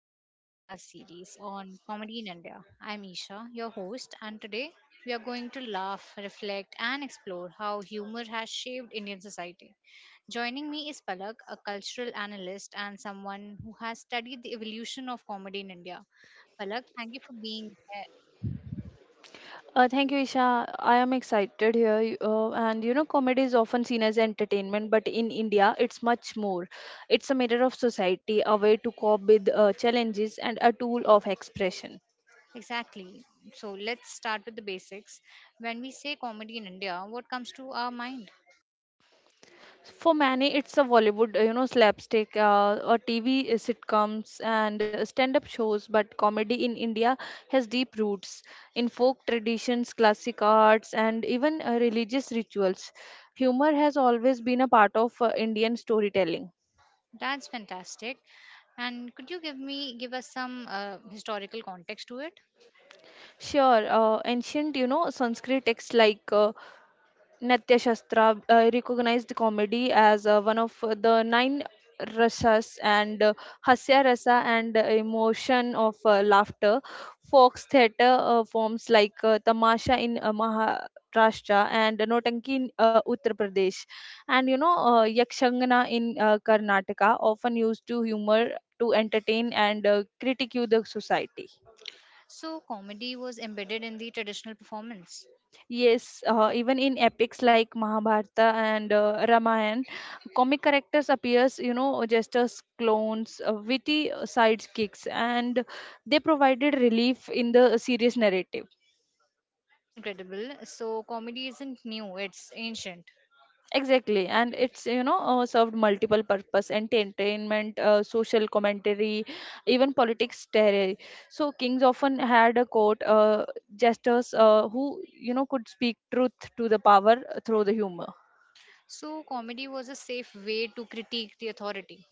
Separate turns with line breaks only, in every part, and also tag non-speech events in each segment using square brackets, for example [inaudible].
special podcast series on comedy in India. I'm Isha, your host, and today we are going to laugh, reflect, and explore how humor has shaped Indian society. Joining me is Palak, a cultural analyst and someone who has studied the evolution of comedy in India. Palak, thank you for being here.
Thank you, Isha. I am excited here. Comedy is often seen as entertainment, but in India, it's much more. It's a mirror of society, a way to cope with challenges, and a tool of expression.
Exactly. So let's start with the basics. When we say comedy in India, what comes to our mind?
For many, it's a Bollywood, slapstick, or TV sitcoms and stand-up shows. But comedy in India has deep roots in folk traditions, classic arts, and even religious rituals. Humor has always been a part of Indian storytelling.
That's fantastic. And could you give us some historical context to it?
Sure, ancient, Sanskrit texts like Natya Shastra recognize comedy as one of the nine rasas and hasya rasa and emotion of laughter. Fox theatre forms like tamasha in Maharashtra and Notanki in Uttar Pradesh, and Yakshangana in Karnataka, often used to humor to entertain and critique the society.
So comedy was embedded in the traditional performance.
Yes, even in epics like Mahabharata and Ramayana, comic characters appears, just as clones, witty sidekicks, and they provided relief in the serious narrative.
That's incredible. So comedy isn't new, it's ancient.
Exactly, and it's you know served multiple purpose, entertainment, social commentary, even politics terror. So kings often had a court jesters who could speak truth to the power through the humor.
So comedy was a safe way to critique the authority.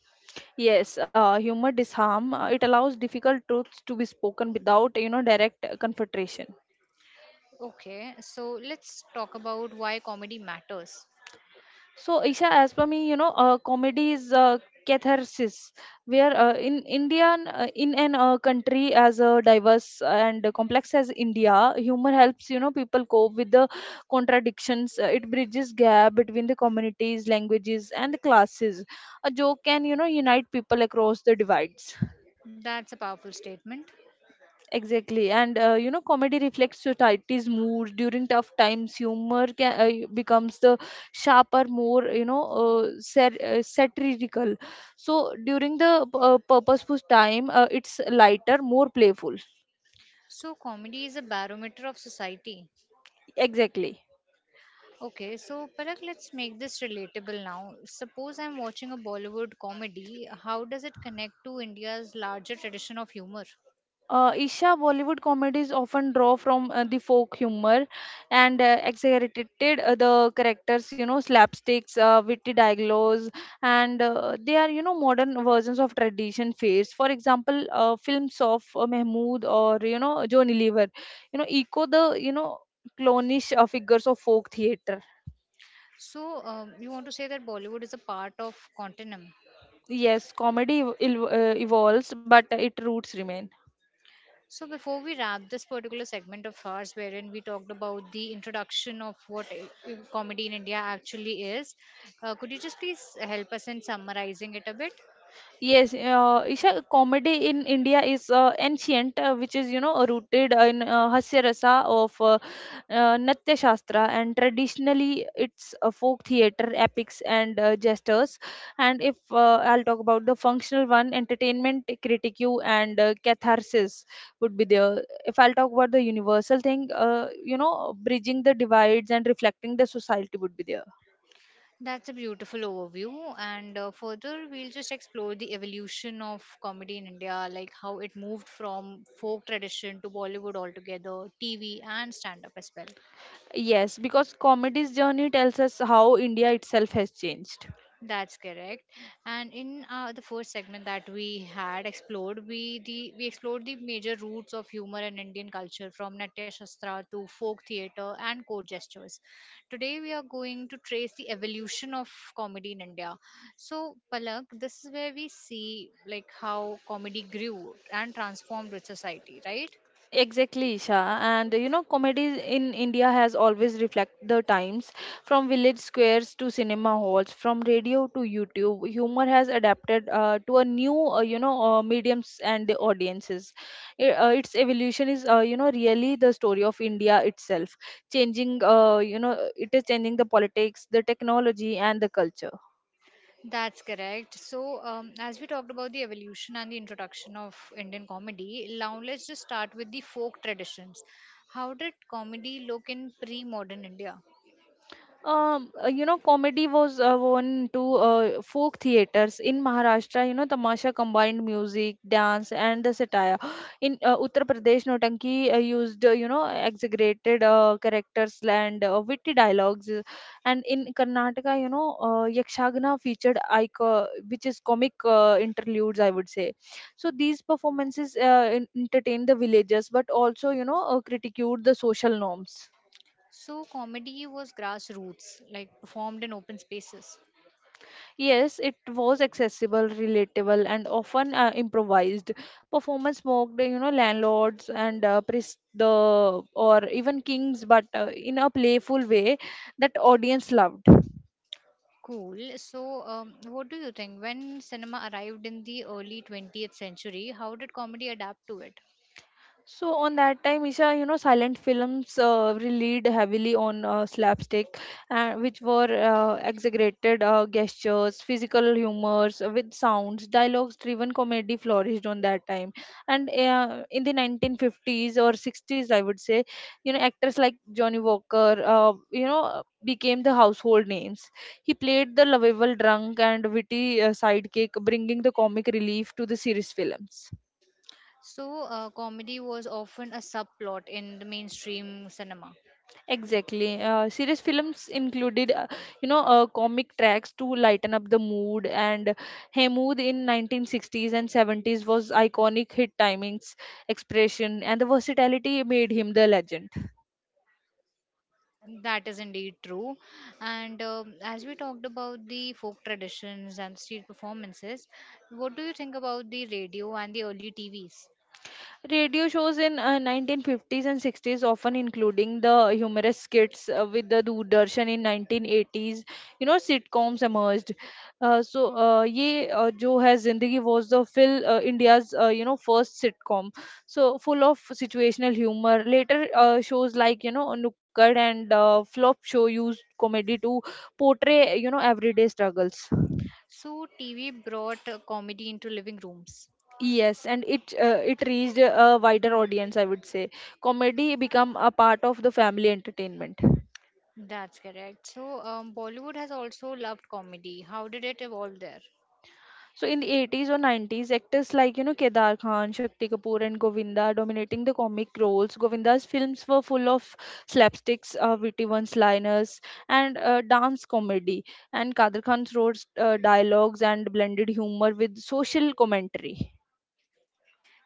Yes, humor disarm. It allows difficult truths to be spoken without, direct confrontation.
Okay, so let's talk about why comedy matters.
So, Isha, as per me, comedy is catharsis, where in an country as diverse and complex as India, humor helps, people cope with the contradictions. It bridges gap between the communities, languages, and the classes. A joke can, unite people across the divides.
That's a powerful statement.
Exactly, comedy reflects society's mood during tough times. Humor becomes the sharper, more satirical. So during the purposeful time, it's lighter, more playful.
So comedy is a barometer of society.
Exactly.
Okay, so Palak, let's make this relatable now. Suppose I'm watching a Bollywood comedy, how does it connect to India's larger tradition of humor?
Isha Bollywood comedies often draw from the folk humor and exaggerated the characters, slapsticks, witty dialogues, and they are, modern versions of tradition fares. For example, films of Mahmood or, Johnny Lever, echo the, clownish figures of folk theatre.
So, you want to say that Bollywood is a part of continuum.
Yes, comedy evolves, but its roots remain.
So, before we wrap this particular segment of ours, wherein we talked about the introduction of what comedy in India actually is, could you just please help us in summarizing it a bit?
Yes, Isha, comedy in India is ancient, which is rooted in Hasya Rasa of Natya Shastra, and traditionally it's a folk theater, epics, and jesters. And if I'll talk about the functional one, entertainment, critique, and catharsis would be there. If I'll talk about the universal thing, bridging the divides and reflecting the society would be there.
That's a beautiful overview. And further, we'll just explore the evolution of comedy in India, like how it moved from folk tradition to Bollywood altogether, TV, and stand up as well.
Yes, because comedy's journey tells us how India itself has changed.
That's correct. And in the first segment that we had explored, we explored the major roots of humor in Indian culture, from Natya Shastra to folk theatre and court gestures. Today, we are going to trace the evolution of comedy in India. So, Palak, this is where we see like how comedy grew and transformed with society, right?
Exactly, Isha. And comedy in India has always reflected the times from village squares to cinema halls, from radio to YouTube. Humor has adapted to a new, mediums and the audiences. Its evolution is, really the story of India itself, changing, it is changing the politics, the technology, and the culture.
That's correct. So, as we talked about the evolution and the introduction of Indian comedy, now let's just start with the folk traditions. How did comedy look in pre modern India?
Comedy was one to folk theaters in Maharashtra. You know, tamasha combined music, dance, and the satire. [gasps] In Uttar Pradesh, Notanki used exaggerated characters and witty dialogues, and in Karnataka, Yakshagana featured ico, which is comic interludes, I would say. So these performances entertained the villagers, but also critiqued the social norms.
So, comedy was grassroots, like performed in open spaces.
Yes, it was accessible, relatable, and often improvised. Performance mocked, landlords and priests, the or even kings, but in a playful way that audience loved.
Cool. So, what do you think? When cinema arrived in the early 20th century, how did comedy adapt to it?
So on that time, Isha, silent films relied heavily on slapstick, which were exaggerated gestures, physical humors with sounds, dialogues-driven comedy flourished on that time. And in the 1950s or 60s, I would say, actors like Johnny Walker, became the household names. He played the lovable drunk and witty sidekick, bringing the comic relief to the serious films.
So, comedy was often a subplot in the mainstream cinema.
Exactly. Serious films included, comic tracks to lighten up the mood, and Hemud in 1960s and 70s was iconic hit timings, expression, and the versatility made him the legend.
That is indeed true. And as we talked about the folk traditions and street performances, what do you think about the radio and the early TVs?
Radio shows in 1950s and 60s, often including the humorous skits with the Doordarshan in 1980s, sitcoms emerged. So, ये जो है जिंदगी was the Phil India's first sitcom. So full of situational humor. Later shows like Nukkad and Flop show used comedy to portray everyday struggles.
So, TV brought comedy into living rooms.
Yes, and it it reached a wider audience, I would say. Comedy become a part of the family entertainment.
That's correct. So, Bollywood has also loved comedy. How did it evolve there?
So in the 80s or 90s, actors like Kedar Khan, Shakti Kapoor, and Govinda dominating the comic roles. Govinda's films were full of slapsticks, witty one-liners, and dance comedy. And Kadir Khan's wrote dialogues and blended humor with social commentary.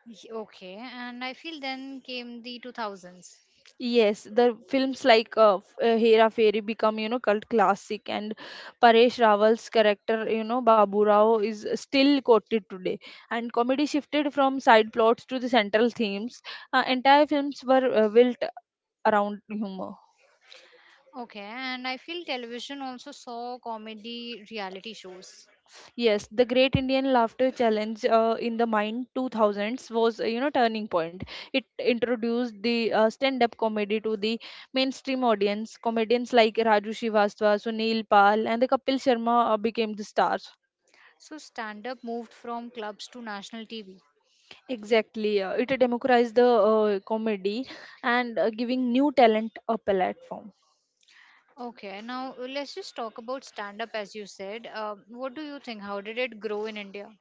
Okay, and I feel then came the 2000s.
Yes, the films like Hera Fairy become, cult classic, and Paresh Rawal's character, Babu Rao, is still quoted today. And comedy shifted from side plots to the central themes. Entire films were built around humor.
Okay, and I feel television also saw comedy reality shows.
Yes, the Great Indian Laughter Challenge in the mind 2000s was turning point. It introduced the stand-up comedy to the mainstream audience. Comedians like Raju Srivastava, Sunil Pal, and the Kapil Sharma became the stars.
So, stand up moved from clubs to national TV.
Exactly, it democratized the comedy and giving new talent a platform.
Okay, now let's just talk about stand up as you said. What do you think? How did it grow in India?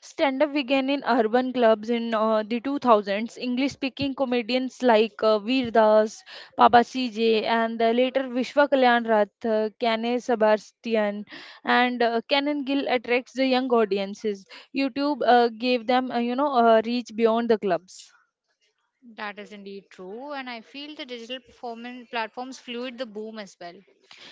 Stand up began in urban clubs in the 2000s. English speaking comedians like Veer Das, Papa CJ, and later Vishwa Kalyan Rath, Kane Sebastian, and Canon Gill attracts the young audiences. YouTube gave them, a reach beyond the clubs.
That is indeed true, and I feel the digital performance platforms fueled the boom as well.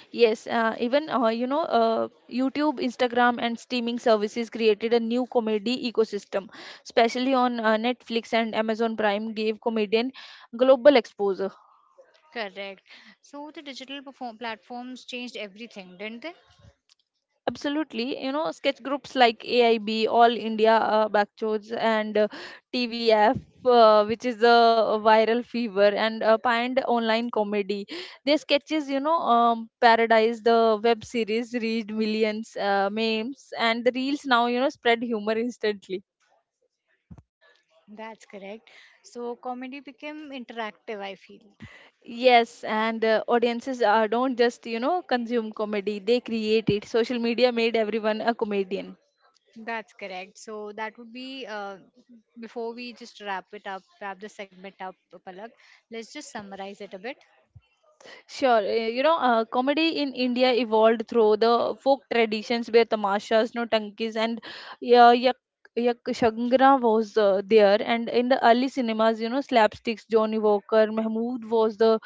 Yes, YouTube, Instagram, and streaming services created a new comedy ecosystem, especially on Netflix and Amazon Prime, gave comedian global exposure.
Correct. So the digital perform platforms changed everything, didn't they?
Absolutely, sketch groups like AIB, All India Backchords, and TVF, which is the viral fever, and Pind Online Comedy. Their sketches, Paradise, the web series, reached millions, memes, and the reels now, spread humor instantly.
That's correct. So comedy became interactive, I feel.
Yes, and audiences don't just, consume comedy, they create it. Social media made everyone a comedian.
That's correct. So that would be before we just wrap the segment up, Palak. Let's just summarize it a bit.
Sure, comedy in India evolved through the folk traditions where tamashas, no tankis, and yeah, yak, yak shangra was there. And in the early cinemas, slapsticks, Johnny Walker, Mahmood was the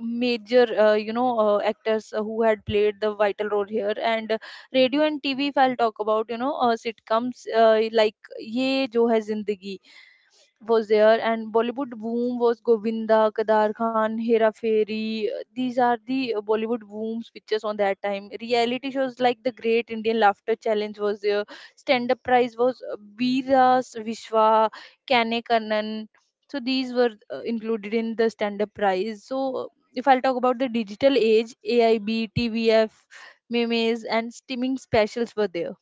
major, actors who had played the vital role here. And radio and TV, if I'll talk about, sitcoms like Ye Jo Hai Zindagi was there, and bollywood boom was govinda kadar khan hera fairy, these are the bollywood booms pictures on that time. Reality shows like the great indian laughter challenge was there. Stand up prize was veeras vishwa kane kannan, so these were included in the stand up prize. So, if I'll talk about the digital age, aib, tvf, memes and streaming specials were there.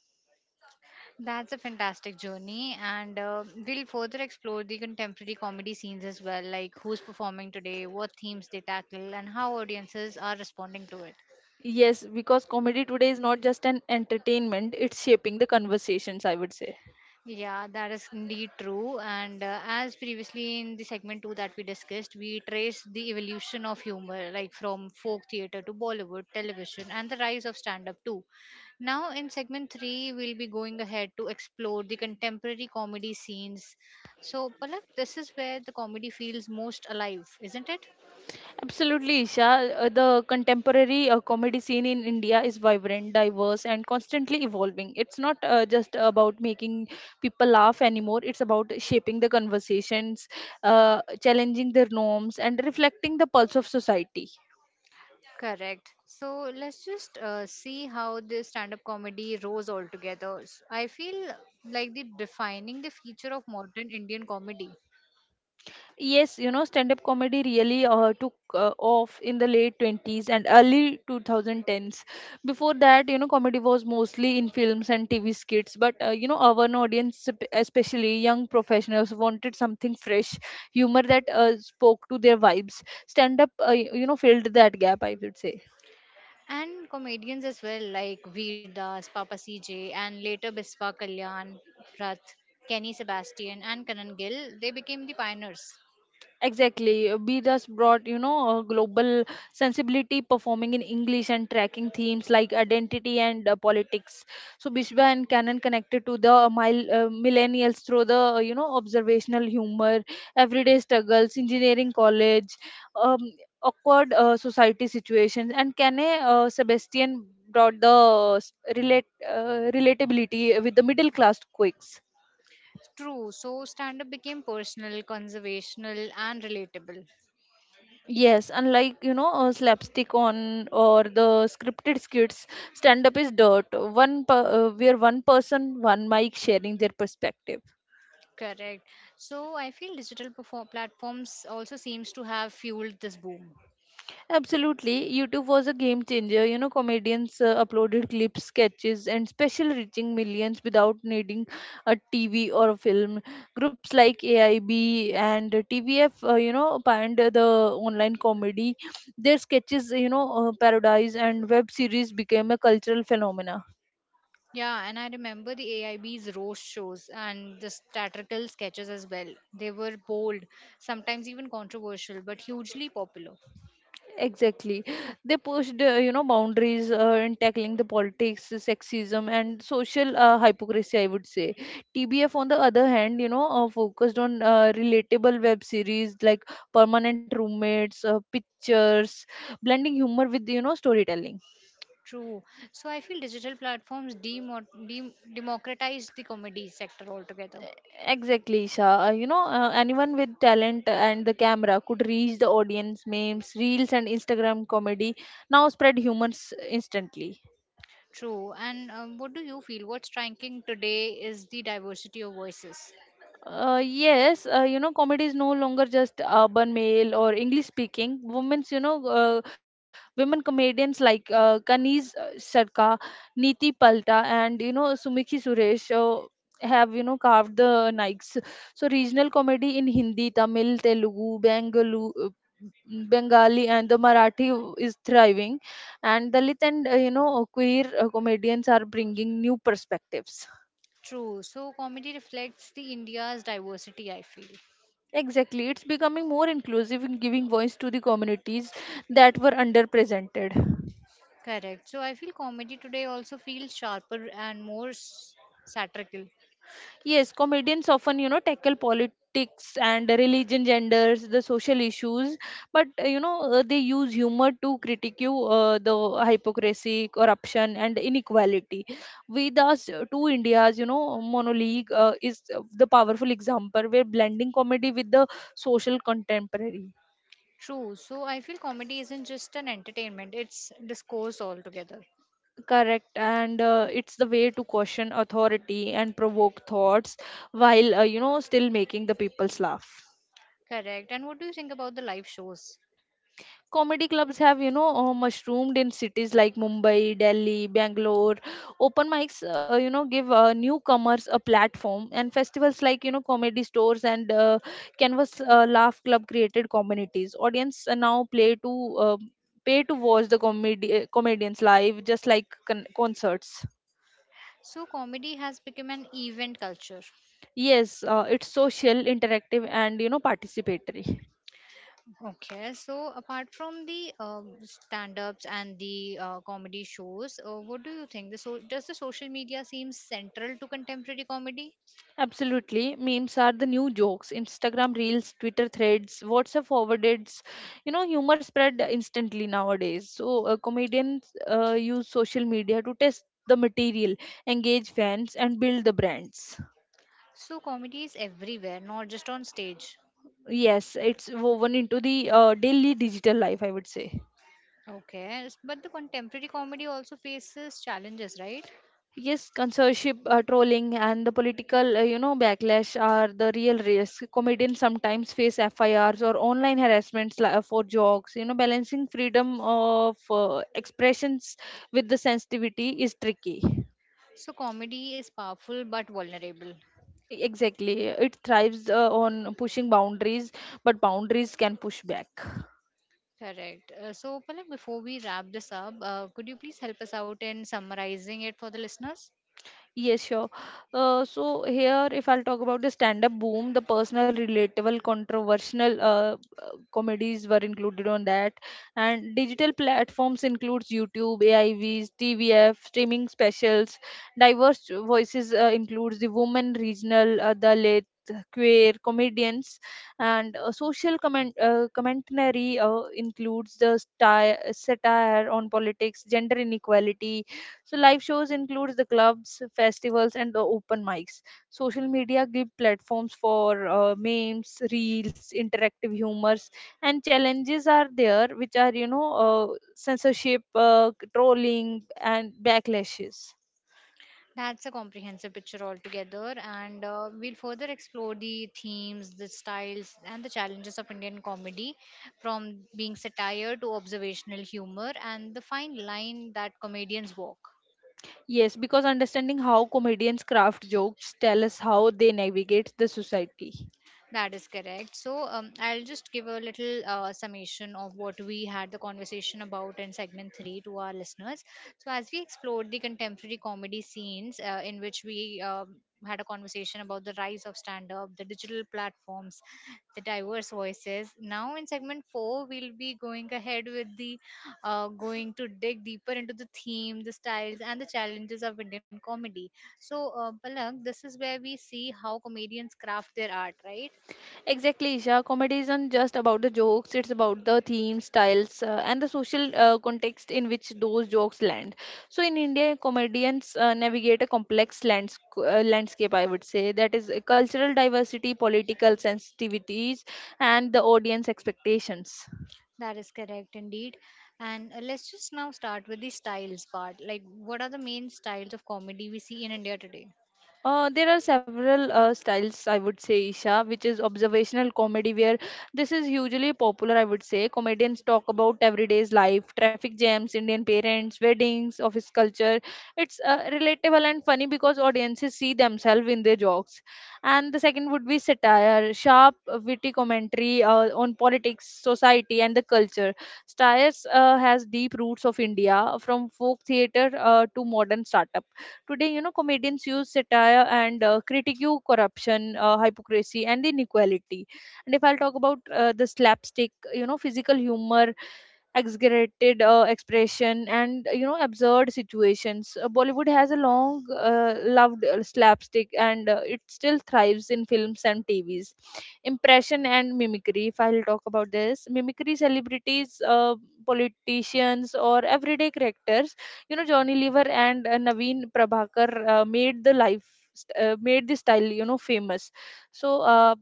That's a fantastic journey, and we'll further explore the contemporary comedy scenes as well, like who's performing today, what themes they tackle, and how audiences are responding to it.
Yes, because comedy today is not just an entertainment, it's shaping the conversations, I would say.
Yeah, that is indeed true. And as previously in the segment two that we discussed, we traced the evolution of humor, like from folk theater to Bollywood, television, and the rise of stand up too. Now, in segment three, we'll be going ahead to explore the contemporary comedy scenes. So, Palak, this is where the comedy feels most alive, isn't it?
Absolutely, Isha. The contemporary comedy scene in India is vibrant, diverse, and constantly evolving. It's not just about making people laugh anymore, it's about shaping the conversations, challenging their norms, and reflecting the pulse of society.
Correct. So let's just see how this stand up comedy rose altogether. I feel like the defining the feature of modern Indian comedy
Yes, stand up comedy really took off in the late 20s and early 2010s. Before that, comedy was mostly in films and TV skits, but our audience, especially young professionals, wanted something fresh, humor that spoke to their vibes. Stand up filled that gap, I would say.
and comedians as well, like Veer Das, Papa CJ, and later Biswa Kalyan, Rath, Kenny Sebastian, and Karan Gill. They became the pioneers.
Exactly. Be thus brought, a global sensibility performing in English and tracking themes like identity and politics. So Bishwa and Canon connected to the millennials through the, observational humor, everyday struggles, engineering college, um, awkward society situations. And Canet Sebastian brought the relatability with the middle class quakes.
True. So stand up became personal, conservational, and relatable.
Yes, unlike slapstick on or the scripted skits, stand up is dirt. One person, one mic sharing their perspective.
Correct. So I feel digital platforms also seems to have fueled this boom.
Absolutely, YouTube was a game changer. You know, comedians uploaded clips, sketches, and special reaching millions without needing a TV or a film. Groups like AIB and TVF, you know, pioneered the online comedy. Their sketches, parodies and web series became a cultural phenomena.
Yeah, and I remember the AIB's roast shows and the satirical sketches as well. They were bold, sometimes even controversial, but hugely popular.
Exactly. They pushed, you know, boundaries in tackling the politics, the sexism, and social hypocrisy, I would say. TBF, on the other hand, focused on relatable web series like Permanent Roommates, Pictures, blending humor with, you know, storytelling.
True. So I feel digital platforms democratized the comedy sector altogether.
Exactly, Isha. Anyone with talent and the camera could reach the audience, memes, reels, and Instagram comedy now spread humans instantly.
True. And what do you feel? What's striking today is the diversity of voices.
Yes, you know, comedy is no longer just urban male or English speaking. Women comedians like Kaniz Sarka, Neeti Palta, and you know, Sumikhi Suresh have, you know, carved the Nikes. So regional comedy in Hindi, Tamil, Telugu, Bengalu. Bengali and the Marathi is thriving, and Dalit and you know queer comedians are bringing new perspectives.
True. So comedy reflects the India's diversity, I feel.
Exactly, it's becoming more inclusive in giving voice to the communities that were underrepresented.
Correct. So I feel comedy today also feels sharper and more satirical.
Yes, comedians often, you know, tackle politics and religion, genders, the social issues, but they use humor to critique the hypocrisy, corruption, and inequality. With us, two Indias, you know, monologue is the powerful example where blending comedy with the social contemporary.
True. So I feel comedy isn't just an entertainment, it's discourse altogether.
Correct, and it's the way to question authority and provoke thoughts while you know still making the people's laugh.
Correct. And what do you think about the live shows?
Comedy clubs have mushroomed in cities like Mumbai, Delhi, Bangalore. Open mics, you know, give newcomers a platform, and festivals like you know comedy stores and Canvas Laugh Club created communities. Audience now play to pay to watch the comedy comedians live, just like concerts.
So comedy has become an event culture.
Yes, it's social, interactive, and you know, participatory.
Okay. So apart from the stand-ups and the comedy shows, what do you think? The so does the social media seem central to contemporary comedy?
Absolutely. Memes are the new jokes. Instagram reels, Twitter threads, WhatsApp forwarded. You know, humor spread instantly nowadays. So, comedians use social media to test the material, engage fans, and build the brands.
So comedy is everywhere, not just on stage.
Yes, it's woven into the daily digital life, I would say.
Okay, but the contemporary comedy also faces challenges, right?
Yes, censorship, trolling, and the political, you know, backlash are the real risk. Comedians sometimes face FIRs or online harassments for jokes. You know, balancing freedom of expressions with the sensitivity is tricky.
So comedy is powerful but vulnerable.
Exactly, it thrives on pushing boundaries, but boundaries can push back.
Correct. So, Palak, before we wrap this up, could you please help us out in summarizing it for the listeners?
Yes, sure. So here, if I'll talk about the stand-up boom, the personal, relatable, controversial comedies were included on that, and digital platforms includes YouTube, AIVs, TVF, streaming specials. Diverse voices includes the women, regional, Dalit, queer comedians, and social commentary includes the satire on politics, gender inequality, so live shows includes the clubs, festivals, and the open mics. Social media give platforms for memes, reels, interactive humors, and challenges are there, which are censorship, trolling, and backlashes.
That's a comprehensive picture altogether, and we'll further explore the themes, the styles, and the challenges of Indian comedy from being satire to observational humor and the fine line that comedians walk.
Yes, because understanding how comedians craft jokes tell us how they navigate the society.
That is correct. So I'll just give a little summation of what we had the conversation about in segment three to our listeners. So as we explored the contemporary comedy scenes, in which we had a conversation about the rise of stand-up, the digital platforms, the diverse voices. Now in segment four, we'll be going ahead with the going to dig deeper into the theme, the styles, and the challenges of Indian comedy. So, Palak, this is where we see how comedians craft their art, right?
Exactly, Isha. Comedy isn't just about the jokes, it's about the themes, styles, and the social context in which those jokes land. So, in India, comedians navigate a complex landscape, I would say, that is cultural diversity, political sensitivities, and the audience expectations.
That is correct indeed. And let's just now start with the styles part. Like, what are the main styles of comedy we see in India today?
There are several styles, I would say, Isha, which is observational comedy, where this is hugely popular, I would say. Comedians talk about everyday's life, traffic jams, Indian parents, weddings, office culture. It's relatable and funny because audiences see themselves in their jokes. And the second would be satire, sharp, witty commentary on politics, society, and the culture. Satire has deep roots of India, from folk theater to modern startups. Today, you know, comedians use satire and critique corruption, hypocrisy, and inequality. And if I'll talk about the slapstick, you know, physical humor, exaggerated expression, and you know, absurd situations. Bollywood has a long loved slapstick, and it still thrives in films and TVs. Impression and mimicry. If I'll talk about this, mimicry celebrities, politicians, or everyday characters, you know, Johnny Lever and Naveen Prabhakar made the style, you know, famous. So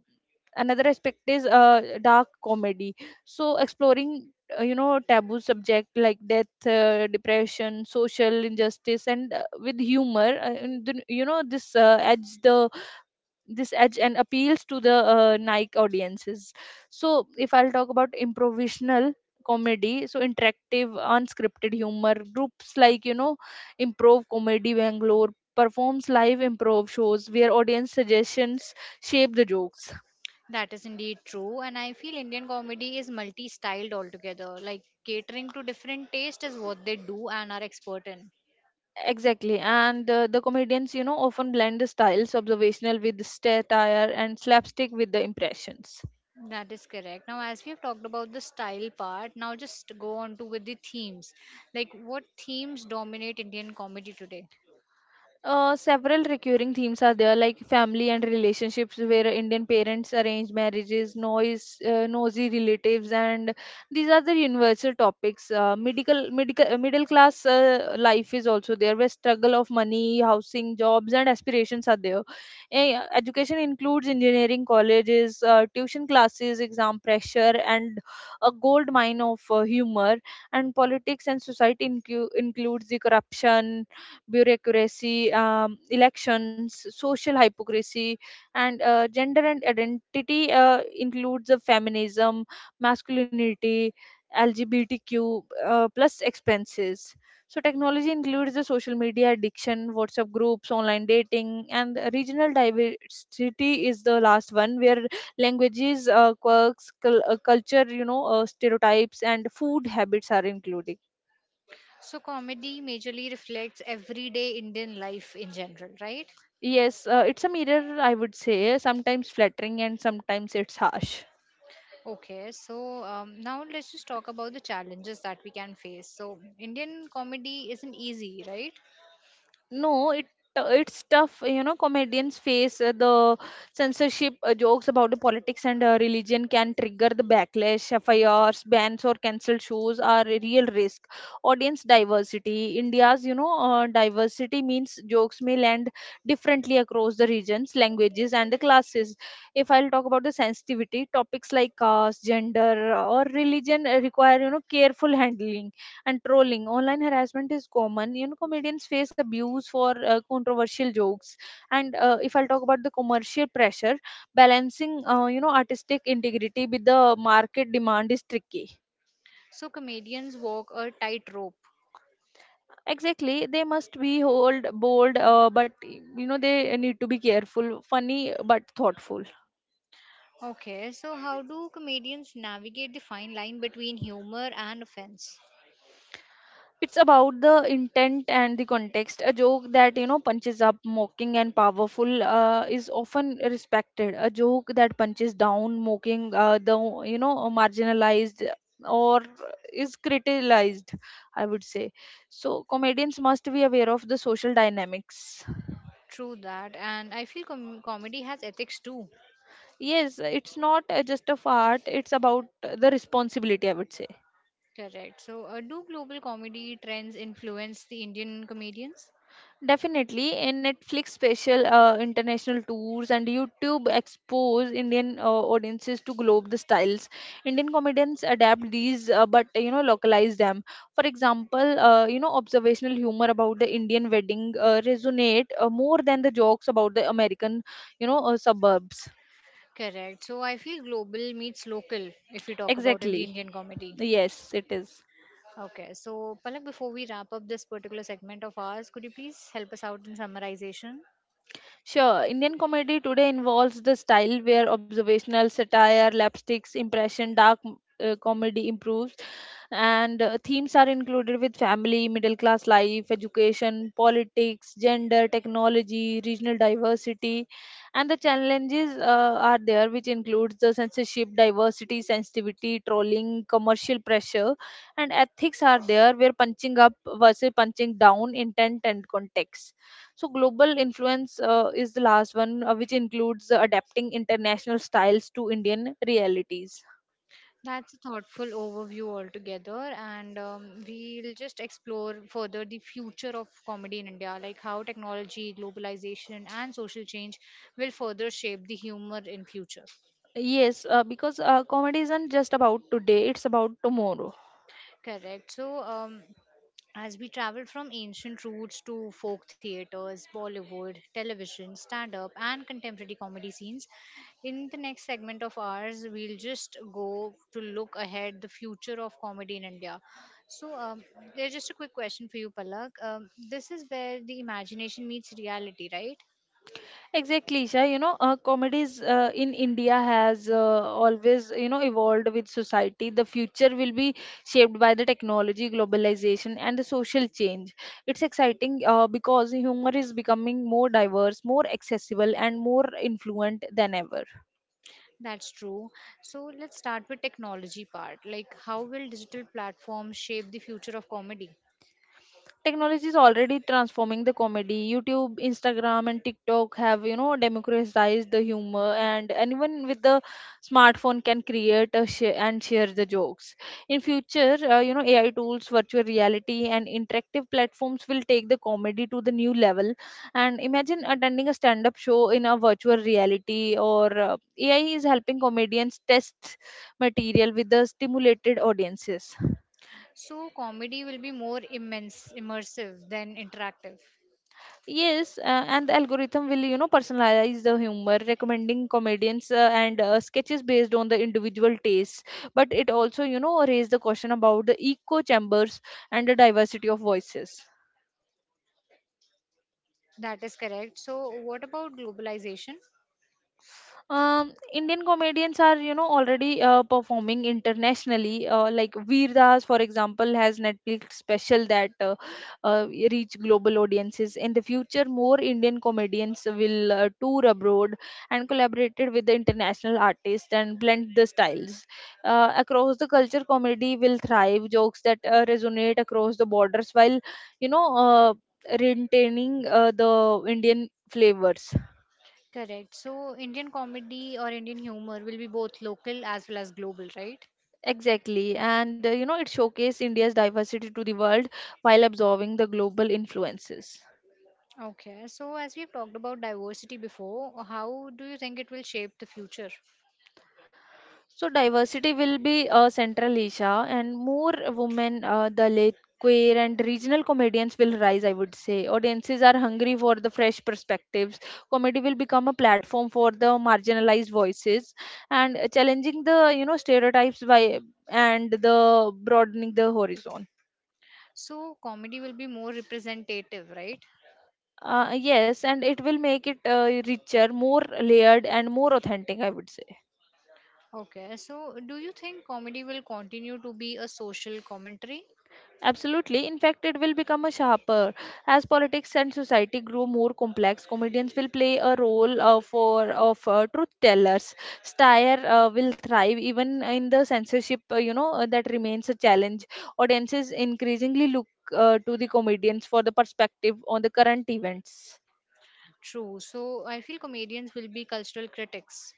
another aspect is dark comedy, so exploring you know taboo subject like death, depression, social injustice, and with humor, and then, you know, this adds the this edge and appeals to the Nike audiences. So if I'll talk about improvisational comedy, so interactive unscripted humor groups like you know Improv Comedy Bangalore performs live improv shows where audience suggestions shape the jokes.
That is indeed true. And I feel Indian comedy is multi styled altogether, like catering to different tastes is what they do and are expert in.
Exactly, and the comedians, you know, often blend the styles observational with satire and slapstick with the impressions.
That is correct. Now, as we have talked about the style part, now just go on to with the themes. Like, what themes dominate Indian comedy today?
Several recurring themes are there, like family and relationships, where Indian parents arrange marriages, noise, nosy relatives, and these are the universal topics. Medical, middle class life is also there, where struggle of money, housing, jobs, and aspirations are there. Eh, education includes engineering colleges, tuition classes, exam pressure, and a gold mine of humor. And politics and society includes the corruption, bureaucracy, elections, social hypocrisy, and gender and identity includes the feminism, masculinity, LGBTQ plus expenses. So technology includes the social media addiction, WhatsApp groups, online dating, and the regional diversity is the last one where languages, quirks, culture, stereotypes, and food habits are included.
So, comedy majorly reflects everyday Indian life in general, right?
Yes, it's a mirror, I would say, sometimes flattering and sometimes it's harsh.
Okay, so now let's just talk about the challenges that we can face. So, Indian comedy isn't easy, right?
No, it's tough. You know, comedians face the censorship. Jokes about the politics and religion can trigger the backlash. FIRs, bans, or cancelled shows are a real risk. Audience diversity. India's, diversity means jokes may land differently across the regions, languages, and the classes. If I'll talk about the sensitivity, topics like caste, gender, or religion require, you know, careful handling and trolling. Online harassment is common. You know, comedians face abuse for controversial jokes. And if I'll talk about the commercial pressure, balancing you know artistic integrity with the market demand is tricky.
So, comedians walk a tightrope.
Exactly, they must be hold bold, but you know they need to be careful, funny but thoughtful.
Okay, so how do comedians navigate the fine line between humor and offense?
It's about the intent and the context. A joke that you know punches up, mocking, and powerful is often respected. A joke that punches down, mocking, the you know marginalized or is criticized. I would say. So comedians must be aware of the social dynamics.
True that, and I feel comedy has ethics too.
Yes, it's not just of art. It's about the responsibility. I would say.
Correct. So, do global comedy trends influence the Indian comedians?
Definitely, a Netflix special, international tours, and YouTube expose Indian audiences to globe the styles. Indian comedians adapt these, but you know, localize them. For example, you know, observational humor about the Indian wedding resonate more than the jokes about the American, suburbs.
Correct. So, I feel global meets local if you talk about in the
Exactly.
Indian comedy.
Yes, it is.
Okay, so Palak, before we wrap up this particular segment of ours, could you please help us out in summarization?
Sure, Indian comedy today involves the style where observational satire, lapsticks, impression, dark comedy improves, and themes are included with family, middle class life, education, politics, gender, technology, regional diversity, and the challenges are there, which includes the censorship, diversity, sensitivity, trolling, commercial pressure, and ethics are there, where punching up versus punching down, intent and context, so global influence is the last one, which includes adapting international styles to Indian realities.
That's a thoughtful overview altogether, and we'll just explore further the future of comedy in India, like how technology, globalization, and social change will further shape the humor in future.
Yes, because comedy isn't just about today, it's about tomorrow.
Correct. So, as we travel from ancient roots to folk theaters, Bollywood, television, stand up, and contemporary comedy scenes, in the next segment of ours, we'll just go to look ahead the future of comedy in India. So, there's just a quick question for you, Palak. This is where the imagination meets reality, right?
Exactly, Isha. You know, comedies in India has always, you know, evolved with society. The future will be shaped by the technology, globalization, and the social change. It's exciting because humor is becoming more diverse, more accessible, and more influent than ever.
That's true. So, let's start with technology part. Like, how will digital platforms shape the future of comedy?
Technology is already transforming the comedy. YouTube, Instagram, and TikTok have, you know, democratized the humor, and anyone with the smartphone can create a share and share the jokes. In future, you know, AI tools, virtual reality, and interactive platforms will take the comedy to the new level. And imagine attending a stand-up show in a virtual reality, or AI is helping comedians test material with the stimulated audiences.
So comedy will be more immersive than interactive.
Yes, and the algorithm will, you know, personalize the humor, recommending comedians and sketches based on the individual tastes. But it also, you know, raise the question about the echo chambers and the diversity of voices.
That is correct. So what about globalization?
Indian comedians are, you know, already performing internationally. Like Veer Das, for example, has Netflix special that reach global audiences. In the future, more Indian comedians will tour abroad and collaborated with the international artists and blend the styles. Across the culture, comedy will thrive. Jokes that resonate across the borders, while you know, uh, retaining the Indian flavors.
Correct. So Indian comedy or Indian humor will be both local as well as global, right?
Exactly. And it showcased India's diversity to the world while absorbing the global influences.
Okay. So as we've talked about diversity before, how do you think it will shape the future?
So, diversity will be central, Isha, and more women, the late queer and regional comedians will rise, I would say. Audiences are hungry for the fresh perspectives. Comedy will become a platform for the marginalized voices and challenging the, stereotypes by and the broadening the horizon.
So comedy will be more representative, right?
Yes, and it will make it richer, more layered, and more authentic, I would say.
Okay. So do you think comedy will continue to be a social commentary?
Absolutely. In fact, it will become a sharper. As politics and society grow more complex, comedians will play a role for of truth tellers. Satire will thrive even in the censorship, that remains a challenge. Audiences increasingly look to the comedians for the perspective on the current events.
True. So I feel comedians will be cultural critics.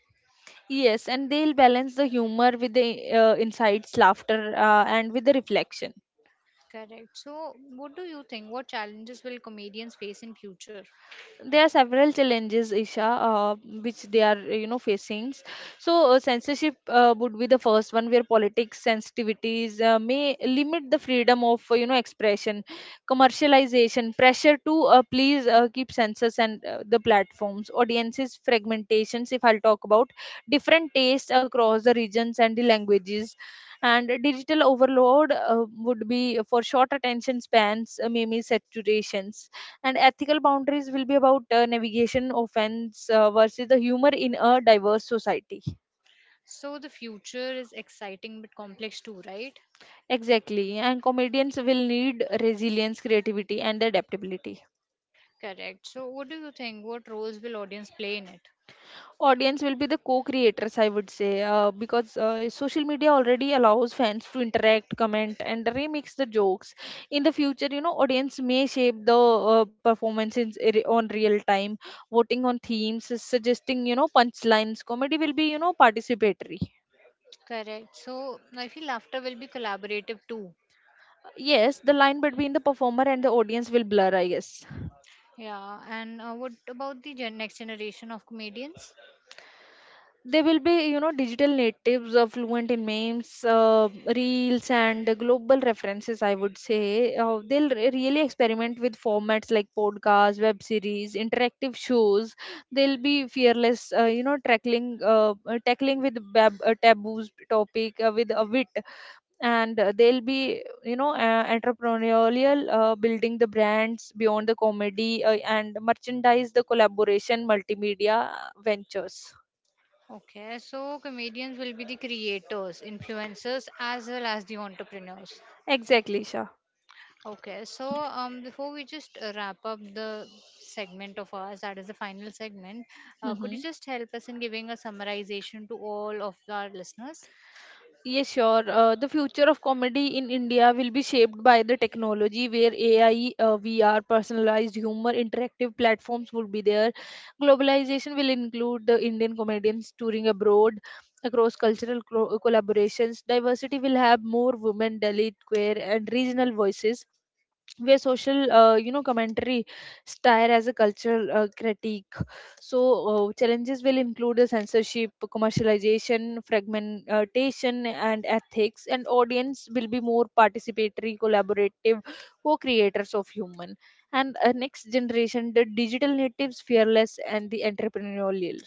Yes, and they'll balance the humor with the insights, laughter, and with the reflection.
Correct. So, what do you think? What challenges will comedians face in future?
There are several challenges, Isha, uh, which they are facing. So censorship would be the first one, where politics sensitivities may limit the freedom of expression, commercialization pressure to please keep censors and the platforms, audiences fragmentations, if I'll talk about different tastes across the regions and the languages, and digital overload would be for short attention spans, maybe saturations, and ethical boundaries will be about navigation offense versus the humor in a diverse society.
So, the future is exciting but complex too, right?
Exactly, and comedians will need resilience, creativity, and adaptability.
Correct. So, what do you think? What roles will audience play in it?
Audience will be the co-creators, I would say, because social media already allows fans to interact, comment, and remix the jokes. In the future, you know, audience may shape the performances on real time, voting on themes, suggesting, you know, punchlines. Comedy will be, you know, participatory.
Correct. So, I feel laughter will be collaborative too.
Yes, the line between the performer and the audience will blur, I guess.
Yeah. And what about the next generation of comedians?
They will be, you know, digital natives, fluent in memes, reels and global references, I would say. They'll really experiment with formats like podcasts, web series, interactive shows. They'll be fearless, tackling tackling with taboos topic with a wit. And they'll be, entrepreneurial, building the brands beyond the comedy, and merchandise, the collaboration, multimedia ventures.
Okay. So, comedians will be the creators, influencers, as well as the entrepreneurs.
Exactly, Shah.
Okay, so before we just wrap up the segment of ours, that is the final segment, could you
hmm
just help us in giving a summarization to all of our listeners?
Yes, sure. The future of comedy in India will be shaped by the technology, where AI, VR, personalized humor, interactive platforms will be there. Globalization will include the Indian comedians touring abroad, across cultural collaborations. Diversity will have more women, Dalit, queer, and regional voices, where social, commentary style as a cultural critique. So challenges will include the censorship, commercialization, fragmentation, and ethics, and audience will be more participatory, collaborative co-creators of human. And next generation, the digital natives, fearless and the entrepreneurial.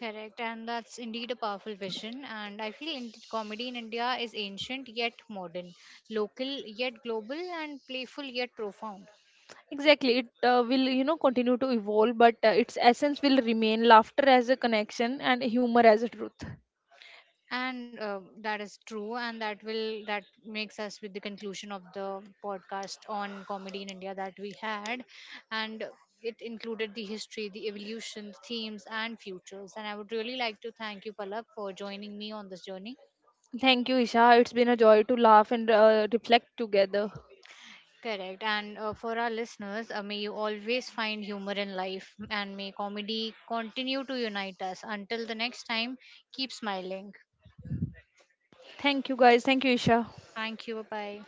Correct, and that's indeed a powerful vision. And I feel comedy in India is ancient yet modern, local yet global, and playful yet profound.
Exactly. It will, continue to evolve, but its essence will remain laughter as a connection and humor as a truth.
And that is true and that makes us with the conclusion of the podcast on comedy in india that we had and it included the history the evolution themes and futures and I would really like to thank you palak for joining me on this journey
Thank you, Isha. It's been a joy to laugh and reflect together.
correct and for our listeners may you always find humor in life and may comedy continue to unite us until the next time keep smiling
Thank you, guys. Thank you, Isha.
thank you bye